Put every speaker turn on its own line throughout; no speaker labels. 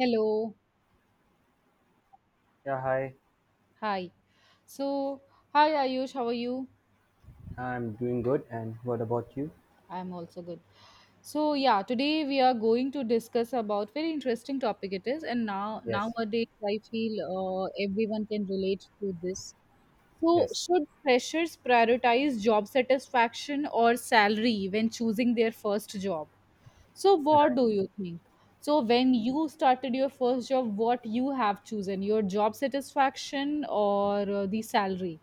Hello.
Yeah, hi.
Hi. So, hi Ayush, how are you?
I'm doing good. And what about you?
I'm also good. So, yeah, today we are going to discuss about very interesting topic it is, and now
Yes,
nowadays I feel, everyone can relate to this. So,
yes,
should freshers prioritize job satisfaction or salary when choosing their first job? So, what
right.
do you think? So, when you started your first job, what you have chosen, your job satisfaction or the salary?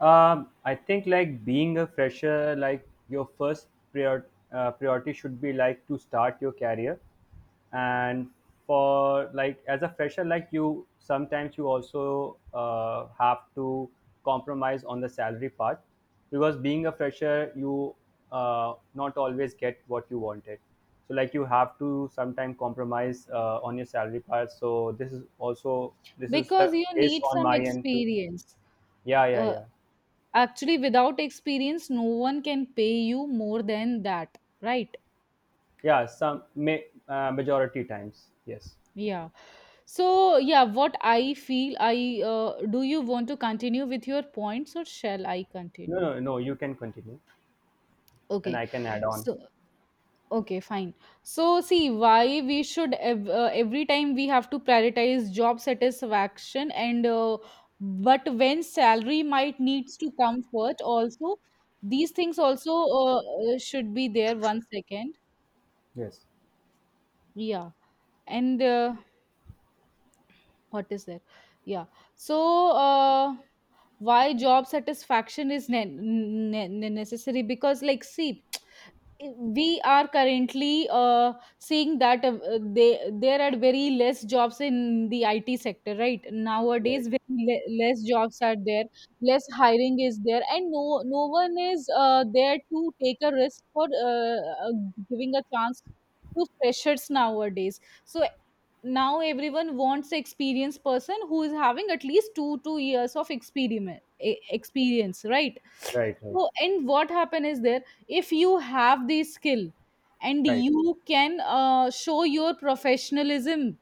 I think, like, being a fresher, like, your first prior, priority should be like to start your career, and for like as a fresher, like you sometimes you also have to compromise on the salary part because being a fresher, you not always get what you wanted. So like you have to sometimes compromise on your salary part. So this is also this is
Because
the
you
case
need
on
some
my end too.
experience.
Yeah, yeah,
uh,
yeah.
Actually, without experience no one can pay you more than that, right?
Yeah, some may, majority times, yes.
Yeah. So yeah, what I feel I do you want to continue with your points or shall I
No,
continue?
no, no, you can continue, and
Okay.
I can add on.
So, okay, fine. So, see, why we should every time we have to prioritize job satisfaction, and but when salary might needs to come first also. These things also should be there. One second.
Yes.
Yeah. And what is there? Yeah. So, why job satisfaction is necessary, because, like, see, we are currently seeing that, there are very less jobs in the IT sector, right?
Right,
Nowadays, very less jobs are there, less hiring is there, and no one is there to take a risk for, uh, giving a chance to freshers nowadays. So now everyone wants an experienced person who is having at least two years of experience, right?
right, right,
So, and what happen is there, if you have the skill and
right,
you can show your professionalism,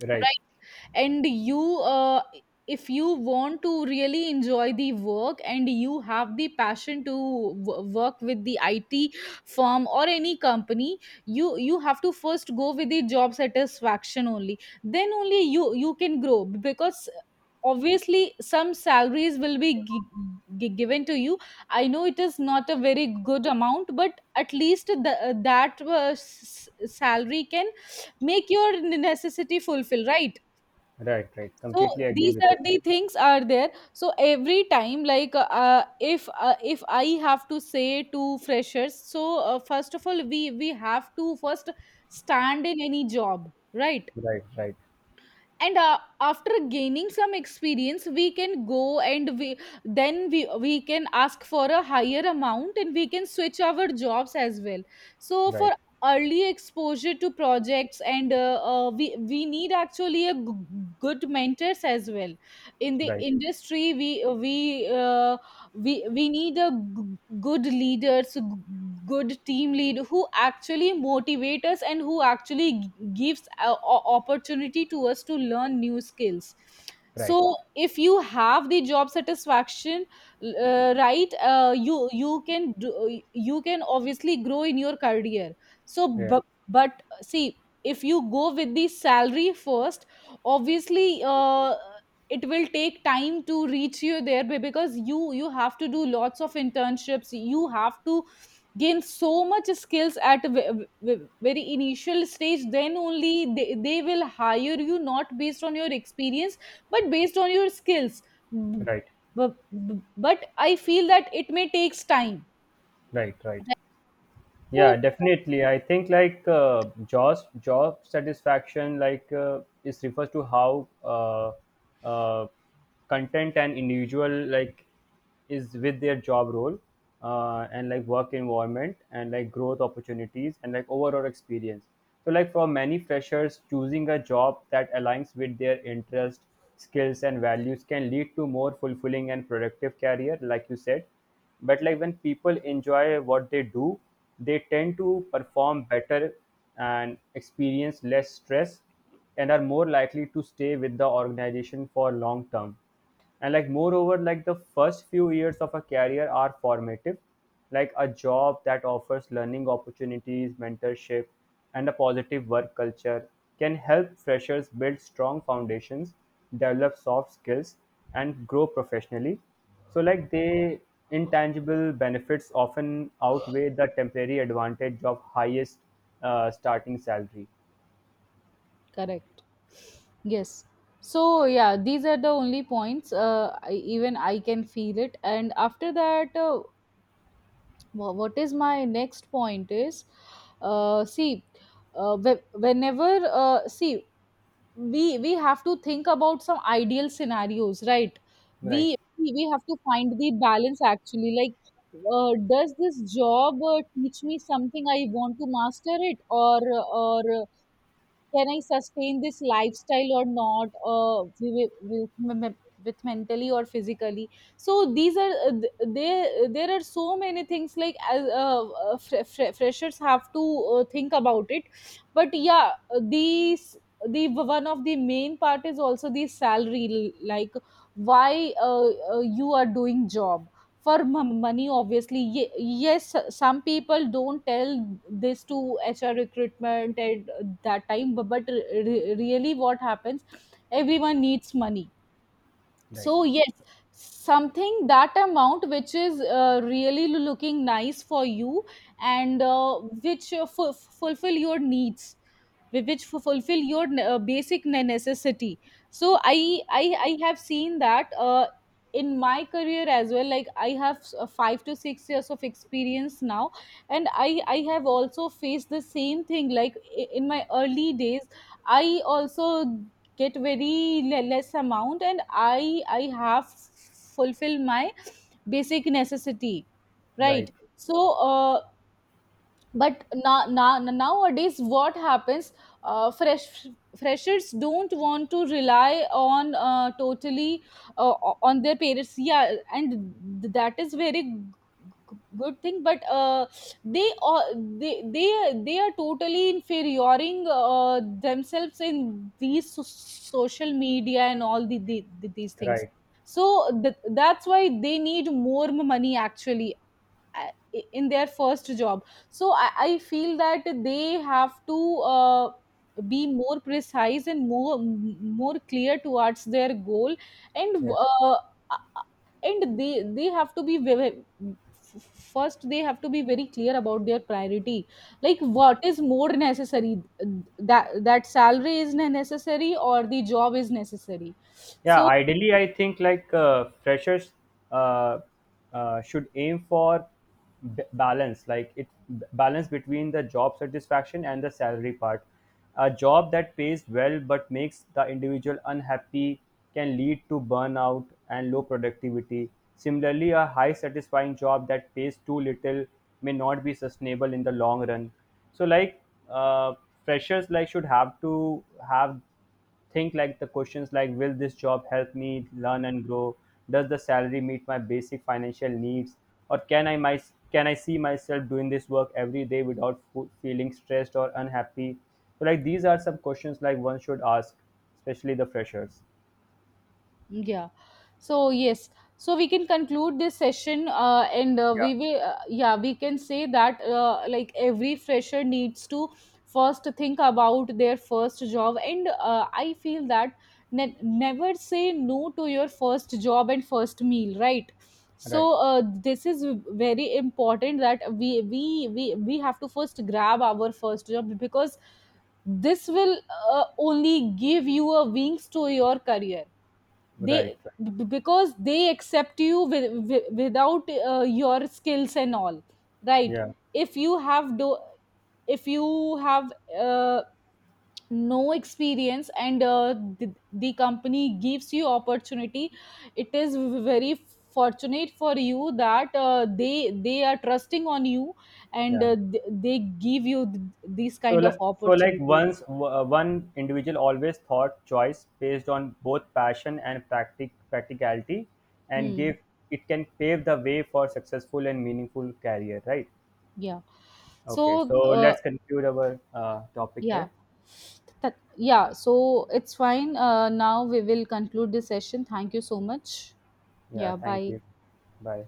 right,
right? and you If you want to really enjoy the work and you have the passion to work with the IT firm or any company, you have to first go with the job satisfaction only, then only you can grow, because obviously some salaries will be given to you. I know it is not a very good amount, but at least that salary can make your necessity fulfill, right?
right, right,
So
completely agree
these
with
are
your point.
the things are there. So every time, like, if I have to say to freshers, so, first of all, we have to first stand in any job, right?
Right, right,
And after gaining some experience we can go, and we then we can ask for a higher amount, and we can switch our jobs as well. So, for
right,
early exposure to projects, and we need actually a good mentors as well in the
right,
industry. We we uh, we we need a good leaders, good team lead who actually motivate us and who actually gives a, opportunity to us to learn new skills.
right.
So if you have the job satisfaction, right, you can do, you can obviously grow in your career. So
Yeah, Right,
but see, if you go with the salary first, obviously it will take time to reach you there, because you have to do lots of internships, you have to gain so much skills at a ve- very initial stage. Then only they will hire you, not based on your experience, but based on your skills. B-
right,
b- b- but I feel that it may takes time.
right, right. Yeah,
Oh,
definitely. I think like job satisfaction like is refers to how uh, content and individual, like, is with their job role, and like work environment and like growth opportunities and like overall experience. So like for many freshers, choosing a job that aligns with their interest, skills and values can lead to more fulfilling and productive career, like you said. But like when people enjoy what they do, they tend to perform better and experience less stress and are more likely to stay with the organization for long term. And like moreover, like the first few years of a career are formative. Like a job that offers learning opportunities, mentorship and a positive work culture can help freshers build strong foundations, develop soft skills and grow professionally. So, like, the intangible benefits often outweigh the temporary advantage of highest starting salary.
correct. Yes. So yeah, these are the only points. Even I can feel it, and after that. What is my next point is, see, whenever, see, we have to think about some ideal scenarios, right? we
Right,
we we have to find the balance, actually, like, does this job teach me something I want to master it, or can I sustain this lifestyle or not, with with mentally or physically? So these are there. There are so many things, like, as freshers have to think about it. But yeah, these the one of the main part is also the salary, like, why you are doing job for money obviously. Yes, some people don't tell this to HR recruitment at that time, but really what happens, everyone needs money.
right,
So yes, something, that amount which is really looking nice for you, and which fulfill your needs, which fulfill your basic necessity. So i I have seen that, in my career as well, like, I have 5 to 6 years of experience now, and I have also faced the same thing, like, in my early days I also get very less amount, and I have fulfilled my basic necessity,
right,
right. So uh, but now, nowadays what happens, uh, fresh freshers don't want to rely on, totally, uh, on their parents, yeah, and that is very good thing. But they uh, they they they are totally inferioring themselves in these social media and all these things.
right.
So that's why they need more money, actually, in their first job. So, I feel that they have to, uh, be more precise and more clear towards their goal. And
Yes.
and they they have to be very, first they have to be very clear about their priority, like, what is more necessary, that salary is necessary, or the job is necessary.
Yeah,
So...
ideally, I think like freshers uh, should aim for balance, like it balance between the job satisfaction and the salary part. A job that pays well but makes the individual unhappy can lead to burnout and low productivity. Similarly, a high satisfying job that pays too little may not be sustainable in the long run. So, like, uh, freshers, like, should have to have think like the questions like will this job help me learn and grow? Does the salary meet my basic financial needs? Or can I my, can I see myself doing this work every day without feeling stressed or unhappy? So like these are some questions like one should ask, especially the freshers.
Yeah. So yes. So we can conclude this session, and
Yeah.
we will. Yeah, we can say that like every fresher needs to first think about their first job, and I feel that never say no to your first job and first meal, right? So
Right.
this is very important that we have to first grab our first job, because this will only give you a wings to your career.
Right.
they
Right.
because they accept you with, without your skills and all, right?
Yeah.
if you have do if you have, uh, no experience, and the company gives you opportunity, it is very fortunate for you that they are trusting on you, and
Yeah.
they give you, these
So
kind of
like, so like
opportunities.
once one individual always thought choice based on both passion and practicality and
Hmm.
give, it can pave the way for successful and meaningful career, right?
Yeah.
Okay, so
so uh,
let's conclude our topic
Yeah.
here.
Yeah, so it's fine. Now we will conclude this session. Thank you so much.
Yeah,
Yeah,
thank
bye.
you. Bye.